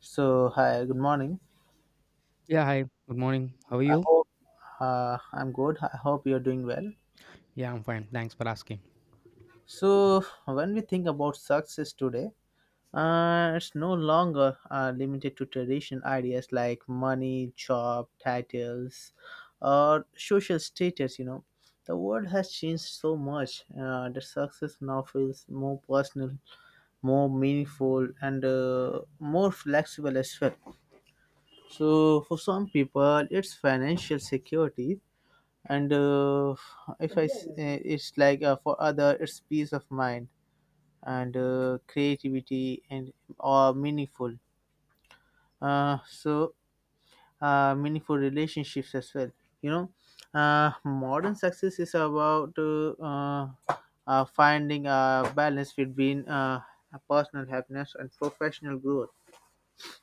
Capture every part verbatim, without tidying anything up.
So, hi, good morning. Yeah, hi. Good morning. How are I you? hope uh, I'm good. I hope you're doing well. Yeah, I'm fine. Thanks for asking. So, when we think about success today, uh, it's no longer uh, limited to traditional ideas like money, job, titles, or social status. You know, the world has changed so much uh, that success now feels more personal, more meaningful, and uh, more flexible as well. So, for some people, it's financial security and uh, if I s- uh, it's like uh, for other it's peace of mind and uh, creativity and or meaningful uh, so uh, meaningful relationships as well. you know uh, Modern success is about uh, uh, uh, finding a balance between uh, personal happiness and professional growth.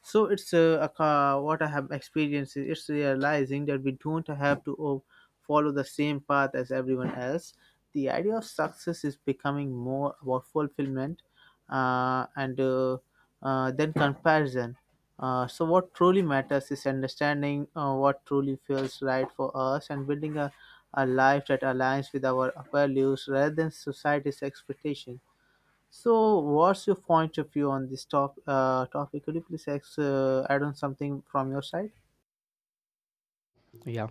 So it's uh, a ca- what I have experienced is it's realizing that we don't have to o- follow the same path as everyone else. The idea of success is becoming more about fulfillment uh, and uh, uh, then comparison. Uh, so what truly matters is understanding uh, what truly feels right for us and building a, a life that aligns with our values rather than society's expectation. So, what's your point of view on this top, uh, topic? Could you please ex- uh, add on something from your side? Yeah,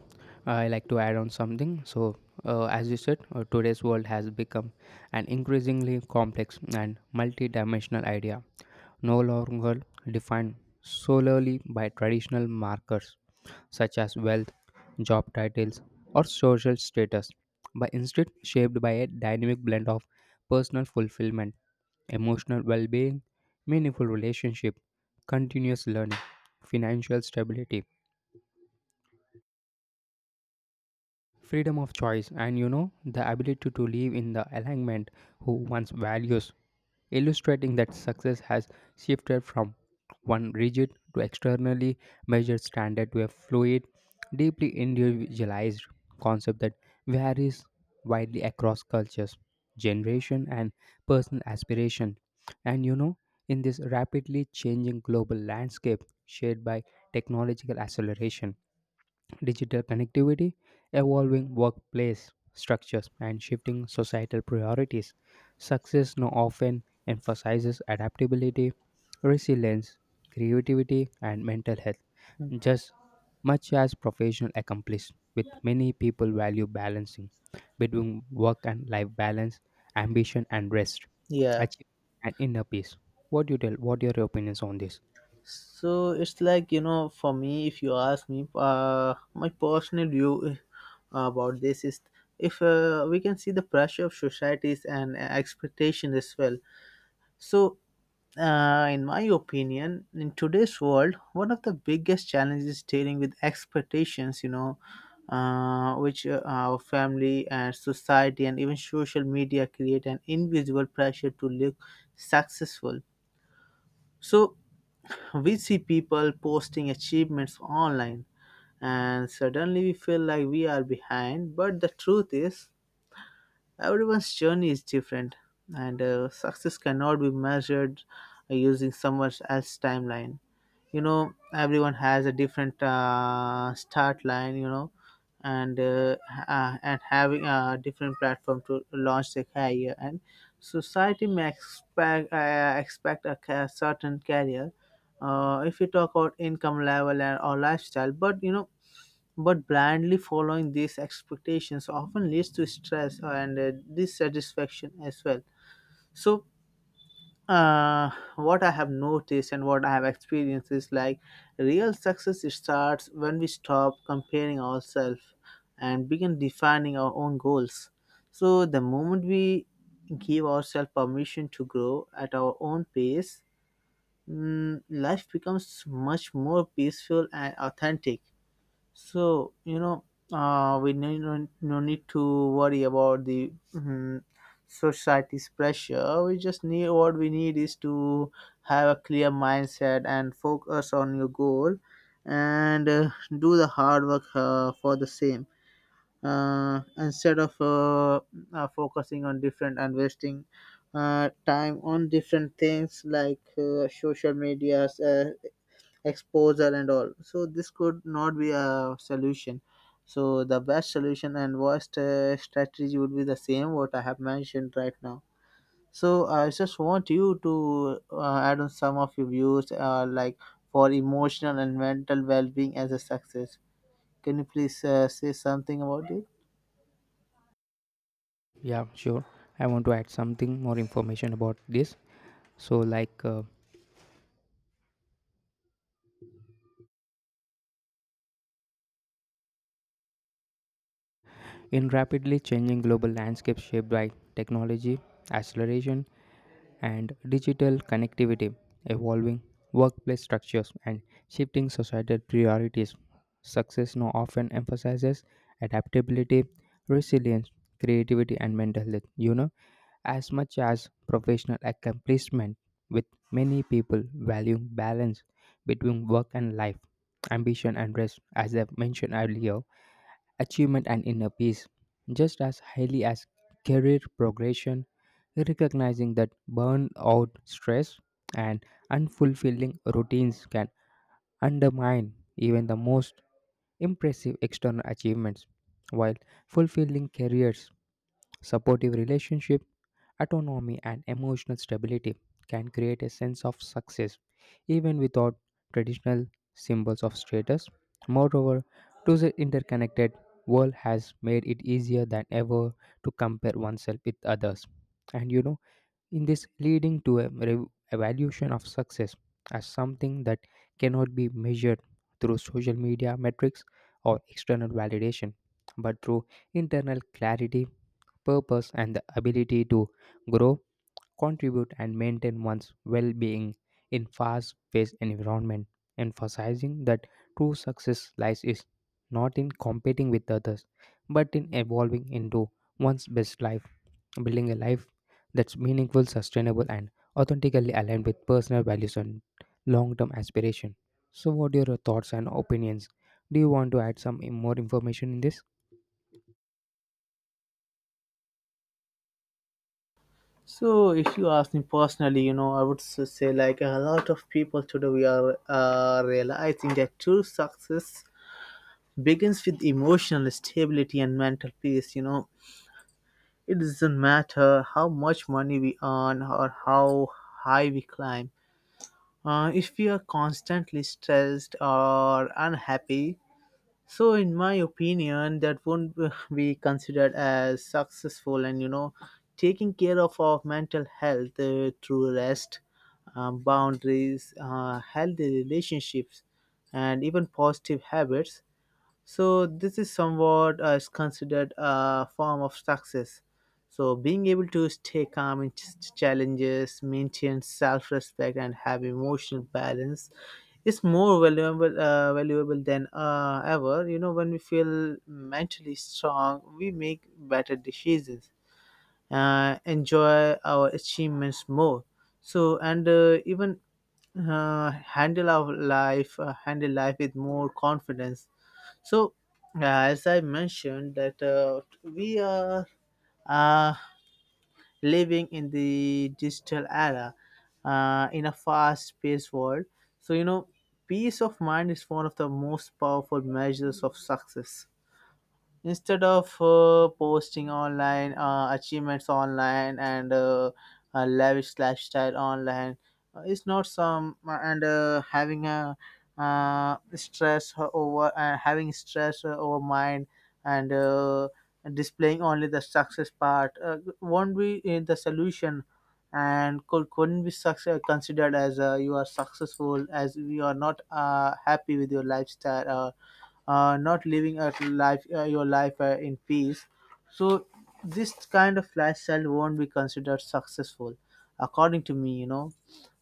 I like to add on something. So, uh, as you said, uh, today's world has become an increasingly complex and multi-dimensional idea. No longer defined solely by traditional markers such as wealth, job titles, or social status, but instead shaped by a dynamic blend of personal fulfillment, emotional well being, meaningful relationship, continuous learning, financial stability, freedom of choice, and you know, the ability to live in the alignment who one's values, illustrating that success has shifted from one rigid to externally measured standard to a fluid, deeply individualized concept that varies widely across cultures, generation, and personal aspiration. And you know, in this rapidly changing global landscape shaped by technological acceleration, digital connectivity, evolving workplace structures, and shifting societal priorities. Success now often emphasizes adaptability, resilience, creativity, and mental health, just much as professional accomplishment, with many people value balancing between work and life balance, ambition and rest, Yeah. achievement and inner peace. What do you tell? What are your opinions on this? So it's like, you know, for me, if you ask me, uh, my personal view uh, about this is if uh, we can see the pressure of societies and expectation as well. So Uh, in my opinion, in today's world, one of the biggest challenges is dealing with expectations, you know, uh, which uh, our family and society and even social media create an invisible pressure to look successful. So we see people posting achievements online, and suddenly we feel like we are behind. But the truth is, everyone's journey is different, and uh, success cannot be measured using someone else's timeline. You know, everyone has a different uh, start line, you know and uh, uh, and having a different platform to launch their career, and society may expect uh, expect a ca- certain career, uh, if you talk about income level and or lifestyle. But you know, but blindly following these expectations often leads to stress and uh, dissatisfaction as well. So uh, what I have noticed and what I have experienced is like real success starts when we stop comparing ourselves and begin defining our own goals. So, the moment we give ourselves permission to grow at our own pace, mm, life becomes much more peaceful and authentic. So, you know, uh, we need no, no need to worry about the mm, society's pressure. We just need what we need is to have a clear mindset and focus on your goal and uh, do the hard work uh, for the same, uh, instead of uh, uh, focusing on different and wasting uh, time on different things like uh, social medias. Uh, exposure and all. So this could not be a solution. So the best solution and worst uh, strategy would be the same what I have mentioned right now. So I just want you to uh, add on some of your views, uh, like for emotional and mental well-being as a success. Can you please uh, say something about it? Yeah, sure. I want to add something more information about this. So, like, uh, in rapidly changing global landscape shaped by technology, acceleration, and digital connectivity, evolving workplace structures, and shifting societal priorities, success now often emphasizes adaptability, resilience, creativity, and mental health. You know, as much as professional accomplishment, with many people valuing balance between work and life, ambition and rest, as I've mentioned earlier, achievement and inner peace, just as highly as career progression, recognizing that burnout, stress, and unfulfilling routines can undermine even the most impressive external achievements, while fulfilling careers, supportive relationships, autonomy and emotional stability can create a sense of success even without traditional symbols of status. Moreover, today's interconnected world has made it easier than ever to compare oneself with others. And you know, in this leading to a re- evaluation of success as something that cannot be measured through social media metrics or external validation, but through internal clarity, purpose, and the ability to grow, contribute, and maintain one's well-being in fast-paced environment, emphasizing that true success lies is not in competing with others but in evolving into one's best life, building a life that's meaningful, sustainable, and authentically aligned with personal values and long-term aspiration. So what are your thoughts and opinions? Do you want to add some in- more information in this? So if you ask me personally, you know, i would s- say like a lot of people today we are uh, realizing that true success begins with emotional stability and mental peace. You know, it doesn't matter how much money we earn or how high we climb, uh, if we are constantly stressed or unhappy. So in my opinion that won't be considered as successful. And you know, taking care of our mental health uh, through rest, um, boundaries, uh, healthy relationships, and even positive habits, so this is somewhat uh, is considered a form of success. So being able to stay calm in ch- challenges, maintain self-respect, and have emotional balance is more valuable uh, valuable than uh, ever. You know, when we feel mentally strong, we make better decisions, uh, enjoy our achievements more. So and uh, even uh, handle our life, uh, handle life with more confidence. So, uh, as I mentioned, that uh, we are uh, living in the digital era, uh, in a fast-paced world. So you know, peace of mind is one of the most powerful measures of success, instead of uh, posting online uh, achievements online, and uh, a lavish lifestyle online. Uh, it's not some uh, and uh, having a uh, stress over uh, Having stress uh, over mind and uh, displaying only the success part uh, won't be uh, the solution. And could, couldn't be success, considered as, uh, you are successful as you are not uh, happy with your lifestyle, uh, uh, not living a life uh, your life uh, in peace. So this kind of lifestyle won't be considered successful, according to me. You know,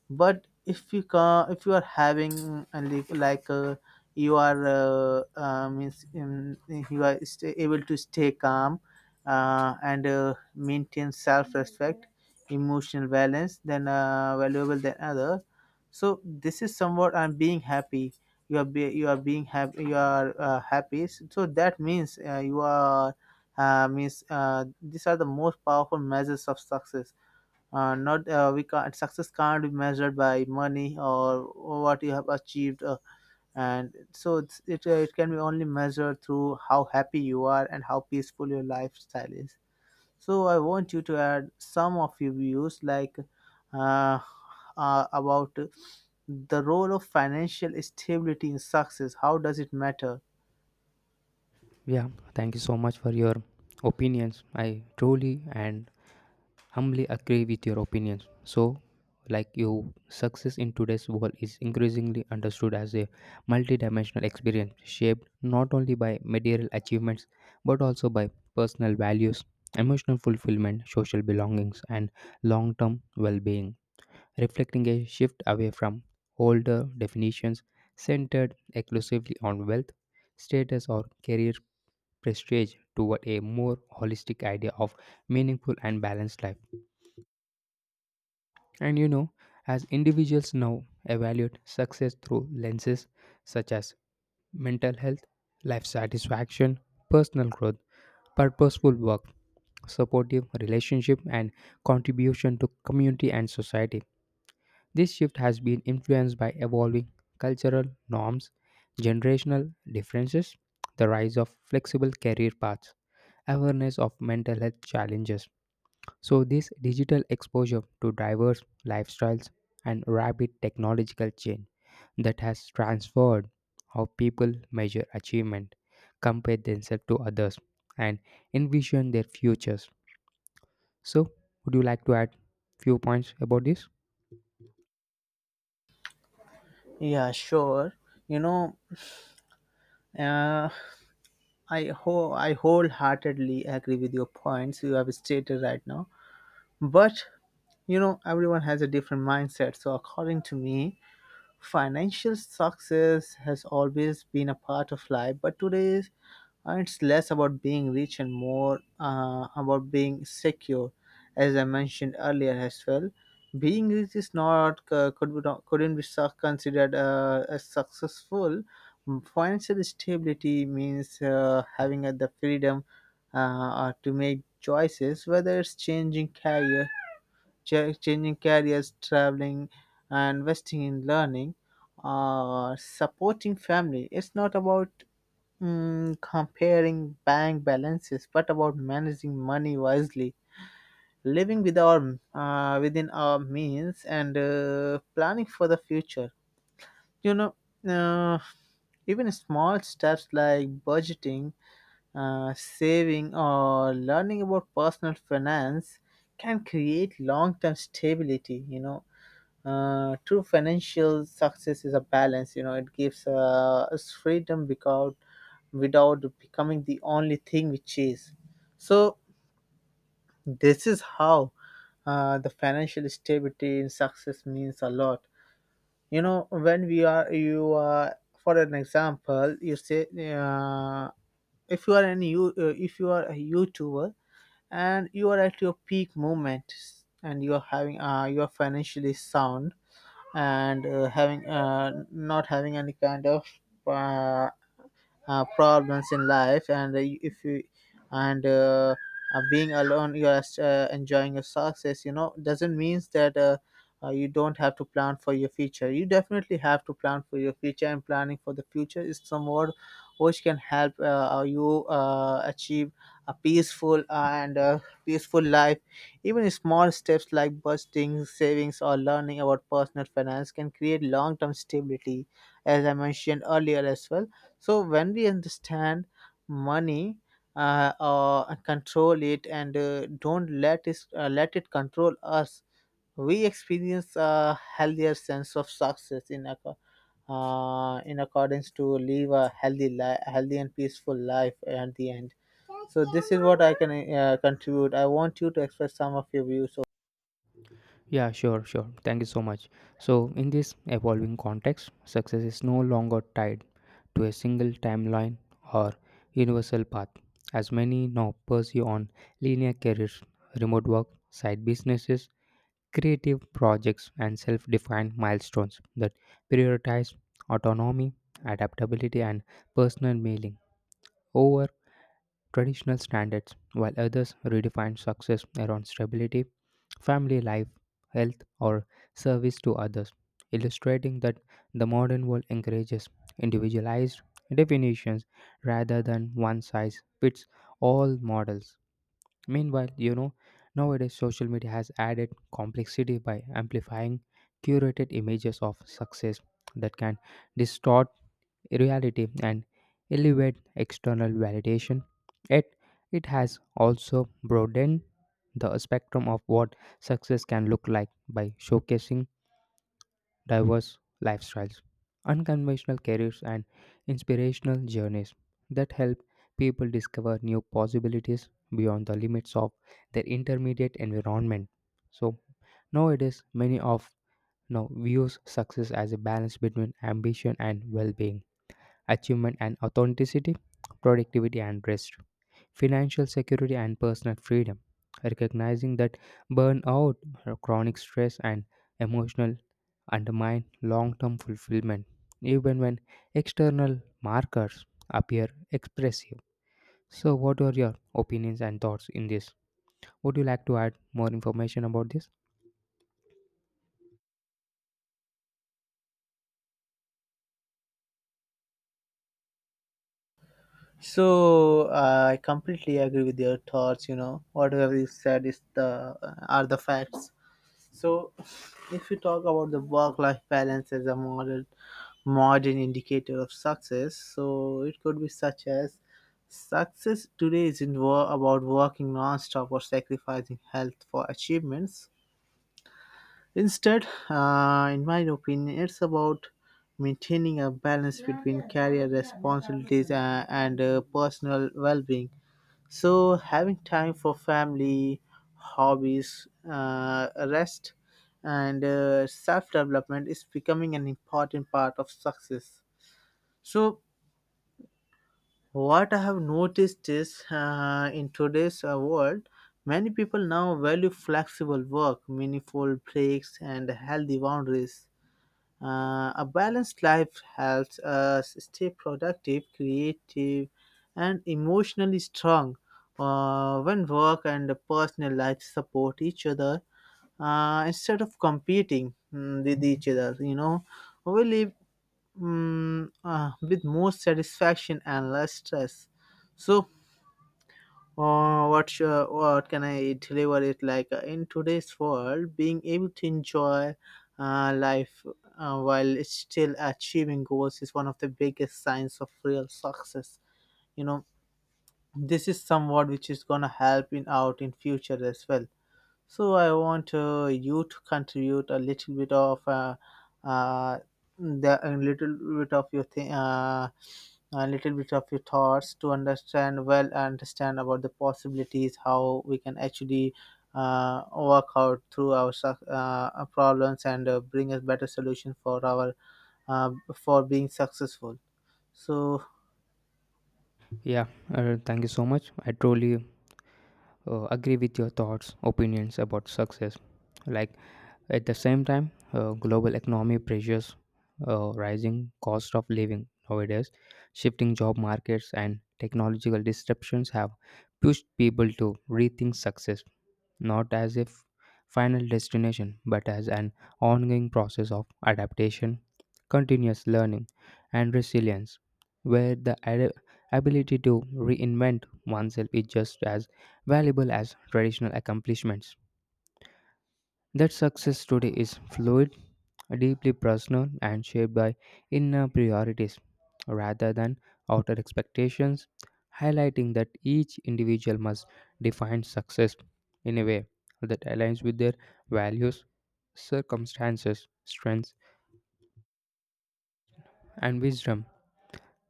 but if you ca if you are having a li- like, uh, you are uh, uh, means um, you are sta able to stay calm, uh, and uh, maintain self-respect, emotional balance, then uh, valuable than other. So this is somewhat, I'm being happy you are be, you are being happy, you are uh, happy, so that means uh, you are uh, means uh, these are the most powerful measures of success. Uh, not uh, we can't Success can't be measured by money or what you have achieved, uh, and so it's, it, uh, it can be only measured through how happy you are and how peaceful your lifestyle is. So I want you to add some of your views, like uh, uh, about the role of financial stability in success, how does it matter? Yeah, thank you so much for your opinions. I truly and humbly agree with your opinions. So, like you, success in today's world is increasingly understood as a multidimensional experience shaped not only by material achievements but also by personal values, emotional fulfillment, social belongings, and long term well being, reflecting a shift away from older definitions centered exclusively on wealth, status, or career prestige toward a more holistic idea of meaningful and balanced life. And you know, as individuals now evaluate success through lenses such as mental health, life satisfaction, personal growth, purposeful work, supportive relationship, and contribution to community and society. This shift has been influenced by evolving cultural norms, generational differences, the rise of flexible career paths, awareness of mental health challenges. So, this digital exposure to diverse lifestyles and rapid technological change that has transformed how people measure achievement, compare themselves to others, and envision their futures. So, would you like to add few points about this? Yeah, sure. You know, uh, i ho- I wholeheartedly agree with your points you have stated right now. But you know, everyone has a different mindset. So, according to me, financial success has always been a part of life, but today is- uh, it's less about being rich and more uh, about being secure. As I mentioned earlier as well, being rich is not, uh, could be not, couldn't be su- considered uh, as successful. Financial stability means uh, having uh, the freedom uh, uh, to make choices, whether it's changing career cha- changing careers, traveling, and investing in learning, uh, supporting family. It's not about mm, comparing bank balances, but about managing money wisely, living with our, uh, within our means, and uh, planning for the future. You know, uh, even small steps like budgeting, uh, saving, or learning about personal finance can create long-term stability. You know, uh, true financial success is a balance. You know, it gives uh, us freedom without without becoming the only thing we chase. So this is how uh, the financial stability in success means a lot. You know, when we are you are, for an example, you say, uh, if you are an you uh, if you are a youtuber and you are at your peak moment, and you are having uh, you are financially sound, and uh, having uh, not having any kind of uh, uh, problems in life, and if you and uh, uh, being alone, you are uh, enjoying your success, you know, doesn't means that uh, uh, you don't have to plan for your future. You definitely have to plan for your future, and planning for the future is somewhat which can help uh, uh, you uh, achieve a peaceful and uh, peaceful life. Even small steps like budgeting, savings, or learning about personal finance can create long-term stability, as I mentioned earlier as well. So when we understand money, uh, uh, control it, and uh, don't let it uh, let it control us, we experience a healthier sense of success in acco- uh, in accordance to live a healthy life, healthy and peaceful life at the end. So this is what I can uh, contribute. I want you to express some of your views. So, Yeah, sure, sure. Thank you so much. So, in this evolving context, success is no longer tied to a single timeline or universal path, as many now pursue on linear careers, remote work, side businesses, creative projects, and self defined milestones that prioritize autonomy, adaptability, and personal meaning over traditional standards, while others redefine success around stability, family life, health, or service to others, illustrating that the modern world encourages individualized definitions rather than one size fits all models. Meanwhile, you know, nowadays social media has added complexity by amplifying curated images of success that can distort reality and elevate external validation. Yet, it has also broadened the spectrum of what success can look like by showcasing diverse lifestyles, unconventional careers, and inspirational journeys that help people discover new possibilities beyond the limits of their intermediate environment. So, nowadays, many of now views success as a balance between ambition and well being, achievement and authenticity, productivity and rest, financial security and personal freedom. Recognizing that burnout, chronic stress, and emotional undermine long term fulfillment, even when external markers appear expressive. So, what are your opinions and thoughts in this? Would you like to add more information about this? so uh, I completely agree with your thoughts. You know, whatever you said is the, uh, are the facts. So, if you talk about the work-life balance as a modern modern indicator of success, so it could be such as, success today isn't wo- about working non-stop or sacrificing health for achievements. Instead, uh, in my opinion, it's about maintaining a balance between career responsibilities and, and uh, personal well-being. So having time for family, hobbies, uh, rest, and uh, self-development is becoming an important part of success. So what I have noticed is uh, in today's uh, world, many people now value flexible work, meaningful breaks, and healthy boundaries. Uh, a balanced life helps us stay productive, creative, and emotionally strong. Uh, when work and personal life support each other uh, instead of competing mm, with each other, you know, we live mm, uh, with more satisfaction and less stress. So, or what? Your, what can I deliver it like uh, in today's world? Being able to enjoy uh, life uh, while still achieving goals is one of the biggest signs of real success. You know, this is somewhat which is gonna help in out in future as well. So I want uh, you to contribute a little bit of uh, uh, the a little bit of your thi- uh, a little bit of your thoughts to understand well understand about the possibilities how we can actually uh, work out through our suc- uh, uh, problems and uh, bring a better solution for our uh, for being successful. So Yeah, uh, thank you so much. I truly uh, agree with your thoughts, opinions about success. Like, at the same time, uh, global economy pressures, uh, rising cost of living nowadays, shifting job markets, and technological disruptions have pushed people to rethink success not as a f- final destination but as an ongoing process of adaptation, continuous learning, and resilience, where the ad- ability to reinvent oneself is just as valuable as traditional accomplishments. That success today is fluid, deeply personal, and shaped by inner priorities rather than outer expectations, highlighting that each individual must define success in a way that aligns with their values, circumstances, strengths, and wisdom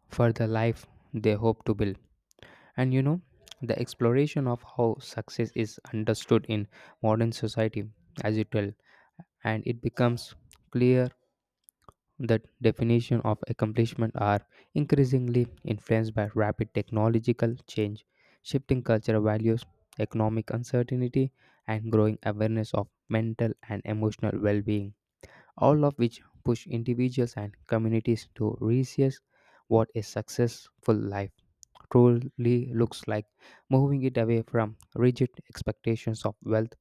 for the life they hope to build. And you know, the exploration of how success is understood in modern society, as it will, and it becomes clear the definition of accomplishment are increasingly influenced by rapid technological change, shifting cultural values, economic uncertainty, and growing awareness of mental and emotional well-being, all of which push individuals and communities to reassess what a successful life truly looks like, moving it away from rigid expectations of wealth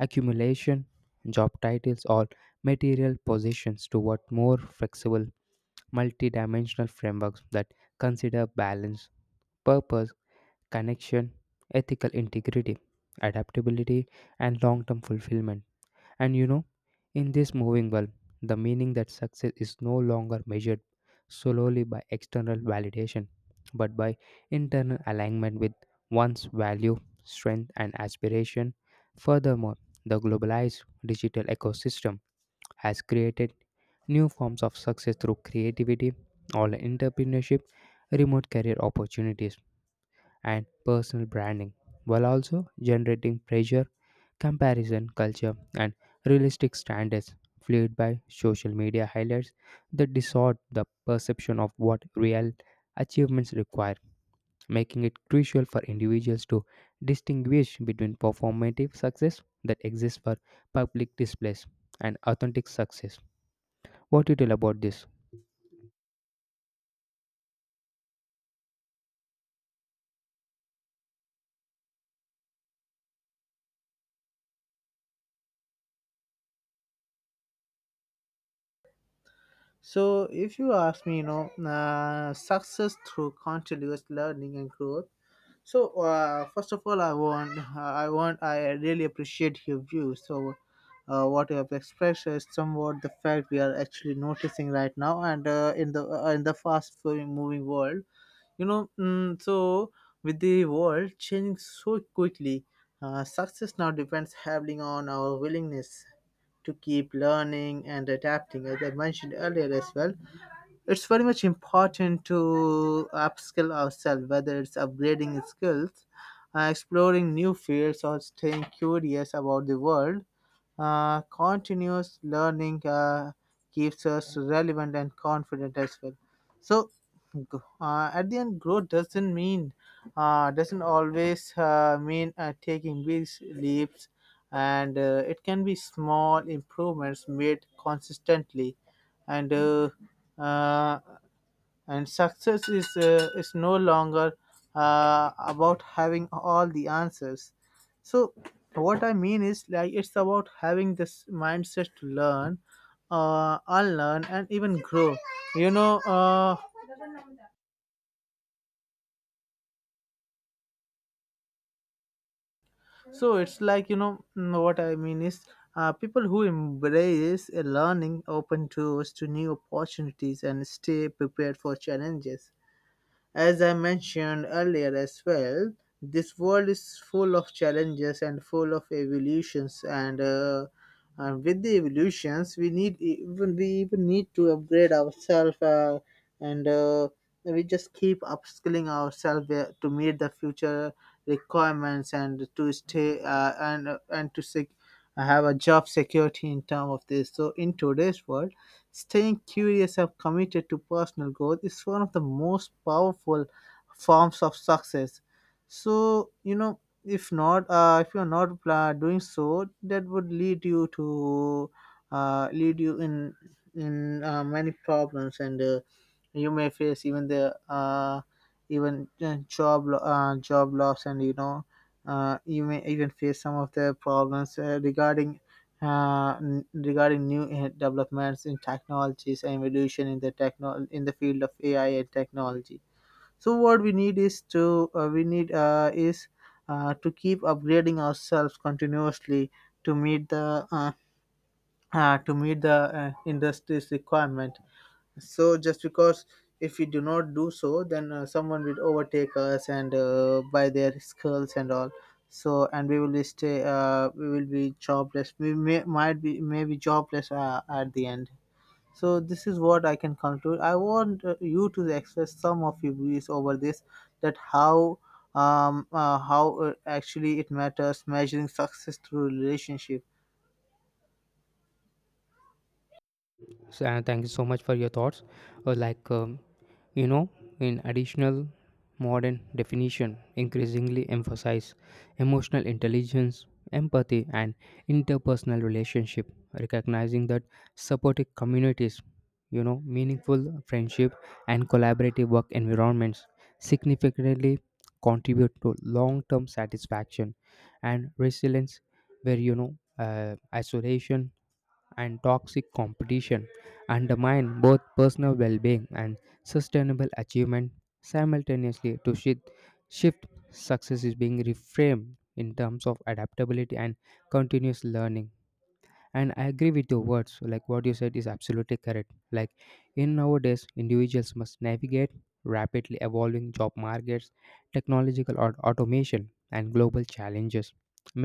accumulation, job titles, or material possessions toward more flexible multi-dimensional frameworks that consider balance, purpose, connection, ethical integrity, adaptability, and long-term fulfillment. And you know, in this moving world, the meaning that success is no longer measured solely by external validation, but by internal alignment with one's value, strength, and aspiration. Furthermore, the globalized digital ecosystem has created new forms of success through creativity, online entrepreneurship, remote career opportunities, and personal branding, while also generating pressure, comparison culture, and realistic standards fueled by social media highlights that distort the perception of what real achievements require, making it crucial for individuals to distinguish between performative success that exists for public displays and authentic success. What do you tell about this? so if you ask me, you know, uh, success through continuous learning and growth. So uh, first of all, I want, I want, I really appreciate your view. So uh, what you have expressed is somewhat the fact we are actually noticing right now, and uh, in the uh, in the fast moving world, you know. Mm, so with the world changing so quickly, uh, success now depends heavily on our willingness to keep learning and adapting, as I mentioned earlier as well. It's very much important to upskill ourselves, whether it's upgrading skills, uh, exploring new fields, or staying curious about the world. Uh, continuous learning uh, keeps us relevant and confident as well. So, g- uh, at the end growth doesn't mean uh, doesn't always uh, mean uh, taking big leaps, and uh, it can be small improvements made consistently, and uh, uh, and success is uh, is no longer uh, about having all the answers. So what I mean is like it's about having this mindset to learn, uh, unlearn, and even grow, you know uh, so it's like, you know mm, what I mean is, uh, people who embrace a learning open doors to new opportunities and stay prepared for challenges. As I mentioned earlier as well, this world is full of challenges and full of evolutions, and uh, and with the evolutions, we need even we even need to upgrade ourselves, uh, and uh, we just keep upskilling ourselves uh, to meet the future requirements and to stay uh, and and to sec- have a job security in term of this. So in today's world staying curious and committed to personal growth is one of the most powerful forms of success. So, you know, if not, uh, if you're not uh, doing so, that would lead you to uh, lead you in in uh, many problems, and uh, you may face even the uh, even uh, job lo- uh, job loss, and you know, uh, you may even face some of the problems uh, regarding uh, n- regarding new eh, developments in technologies and evolution in the techno in the field of A I and technology. So what we need is to uh, we need uh, is uh, to keep upgrading ourselves continuously to meet the uh, uh, to meet the uh, industry's requirement, so just because if we do not do so, then uh, someone will overtake us and uh, by their skulls and all. So and we will be stay. Uh, we will be jobless. We may might be maybe jobless uh, at the end. So this is what I can conclude. I want uh, you to express some of your views over this. That how um uh, how uh, actually it matters measuring success through relationship. So, and thank you so much for your thoughts. Uh, like, um, you know, in additional modern definition, increasingly emphasize emotional intelligence, empathy, and interpersonal relationship, recognizing that supportive communities, you know, meaningful friendship and collaborative work environments significantly contribute to long-term satisfaction and resilience, where you know, uh, isolation and toxic competition undermine both personal well being and sustainable achievement simultaneously to shift, shift success is being reframed in terms of adaptability and continuous learning. And I agree with your words, like what you said is absolutely correct. Like, in nowadays individuals must navigate rapidly evolving job markets, technological or automation and global challenges,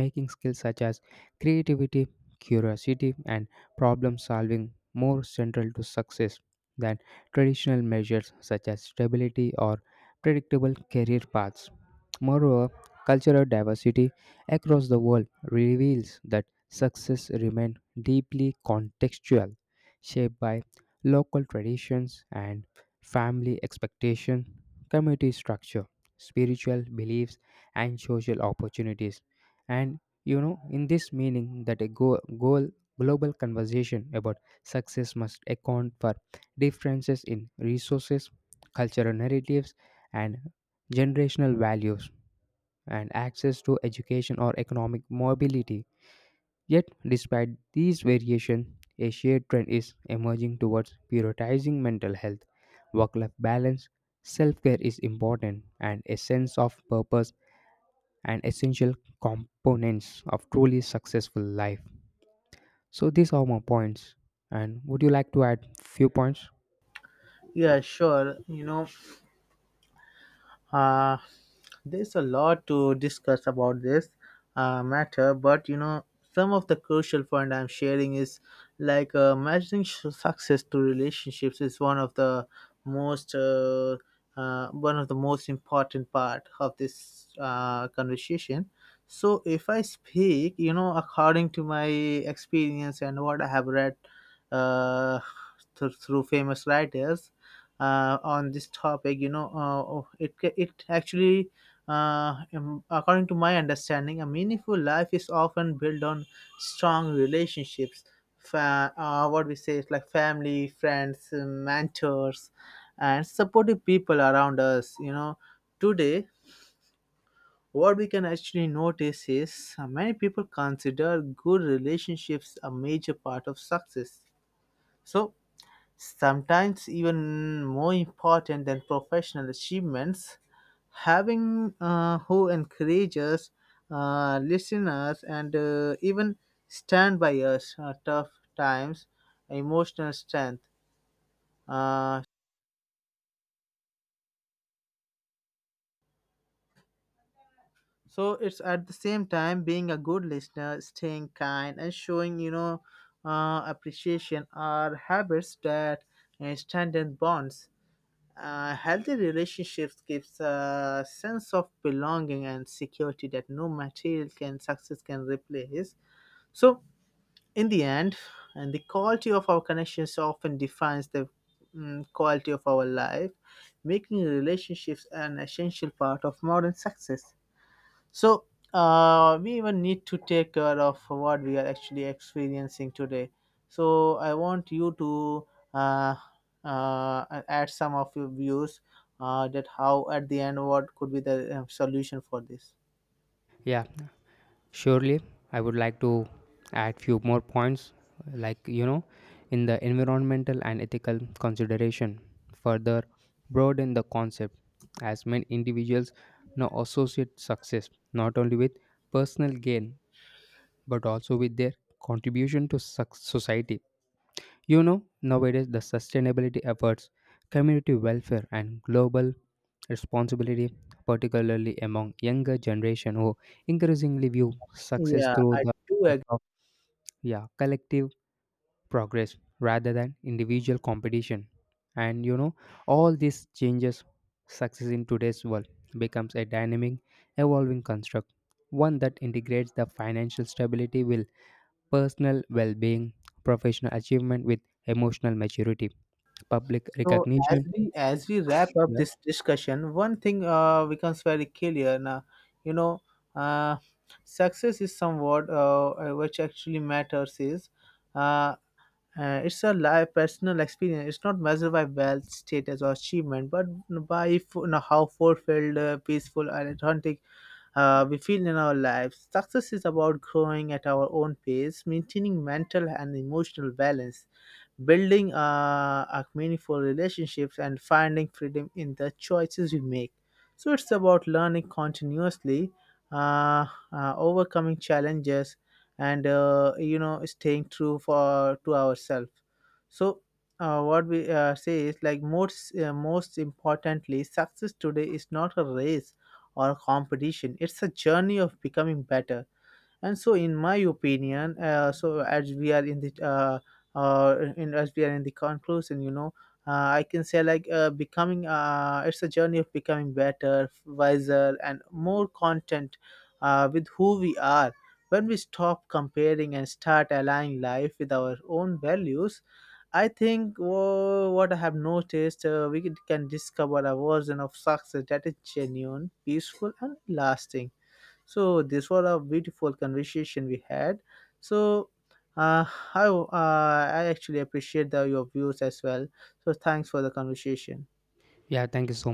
making skills such as creativity, curiosity, and problem solving more central to success than traditional measures such as stability or predictable career paths. Moreover, cultural diversity across the world reveals that success remains deeply contextual, shaped by local traditions and family expectation, community structure, spiritual beliefs, and social opportunities. And you know, in this meaning, that a go- goal global conversation about success must account for differences in resources, cultural narratives, and generational values, and access to education or economic mobility. Yet, despite these variations, a shared trend is emerging towards prioritizing mental health. Work life balance, self care is important, and a sense of purpose and essential components of truly successful life. So, these are my points. And would you like to add few points? Yeah, sure. You know, Uh, there's a lot to discuss about this uh, matter, but you know, some of the crucial point I'm sharing is like, uh, measuring su- success to relationships is one of the most uh, uh, one of the most important part of this uh, conversation. So if I speak, you know, according to my experience and what I have read uh, th- through famous writers, uh, on this topic, you know uh, oh, it ca- it actually uh, um, according to my understanding a meaningful life is often built on strong relationships. Fa- uh, what we say is, like, family, friends, uh, mentors, and supportive people around us, you know. Today what we can actually notice is, uh, many people consider good relationships a major part of success, so sometimes even more important than professional achievements, having uh, who encourages, uh, listeners, and uh, even stand by us uh, tough times, emotional strength. Uh, so it's at the same time being a good listener, staying kind, and showing, you know, uh, appreciation are habits that uh, strengthen bonds. Uh, healthy relationships gives a sense of belonging and security that no material can success can replace. So, in the end, and the quality of our connections often defines the mm, quality of our life, making relationships an essential part of modern success. So uh, we even need to take care of what we are actually experiencing today. So I want you to uh, uh, add some of your views uh, that how at the end what could be the uh, solution for this. Yeah, surely, I would like to add few more points, like you know, in the environmental and ethical consideration further broaden the concept as many individuals now associate success not only with personal gain but also with their contribution to suc- society. You know, nowadays the sustainability efforts, community welfare, and global responsibility, particularly among younger generation who increasingly view success Yeah, through I the do lens agree. of, yeah, collective progress rather than individual competition. And you know, all these changes success in today's world becomes a dynamic, evolving construct, one that integrates the financial stability with personal well-being, professional achievement with emotional maturity, public So as recognition. we as we wrap up Yeah. this discussion, one thing uh, becomes very clear now. You know, uh, success is somewhat uh, uh, which actually matters is uh, Uh, it's a live personal experience. It's not measured by wealth, status, or achievement, but by f- you know, how fulfilled, uh, peaceful, and authentic uh, we feel in our lives. Success is about growing at our own pace, maintaining mental and emotional balance, building uh, a meaningful relationships and finding freedom in the choices we make. So it's about learning continuously, uh, uh, overcoming challenges, and uh, you know, staying true for to ourselves. So uh, what we uh, say is like most uh, most importantly success today is not a race or a competition, it's a journey of becoming better. And so in my opinion, uh, so as we are in the uh, uh, in, as we are in the conclusion, you know, uh, I can say like, uh, becoming uh, it's a journey of becoming better, wiser, and more content uh, with who we are. When we stop comparing and start aligning life with our own values, I think, whoa, what I have noticed, uh, we can can discover a version of success that is genuine, peaceful, and lasting. So this was a beautiful conversation we had. So uh, I, uh, I actually appreciate the, your views as well. So thanks for the conversation. Yeah. Thank you so much.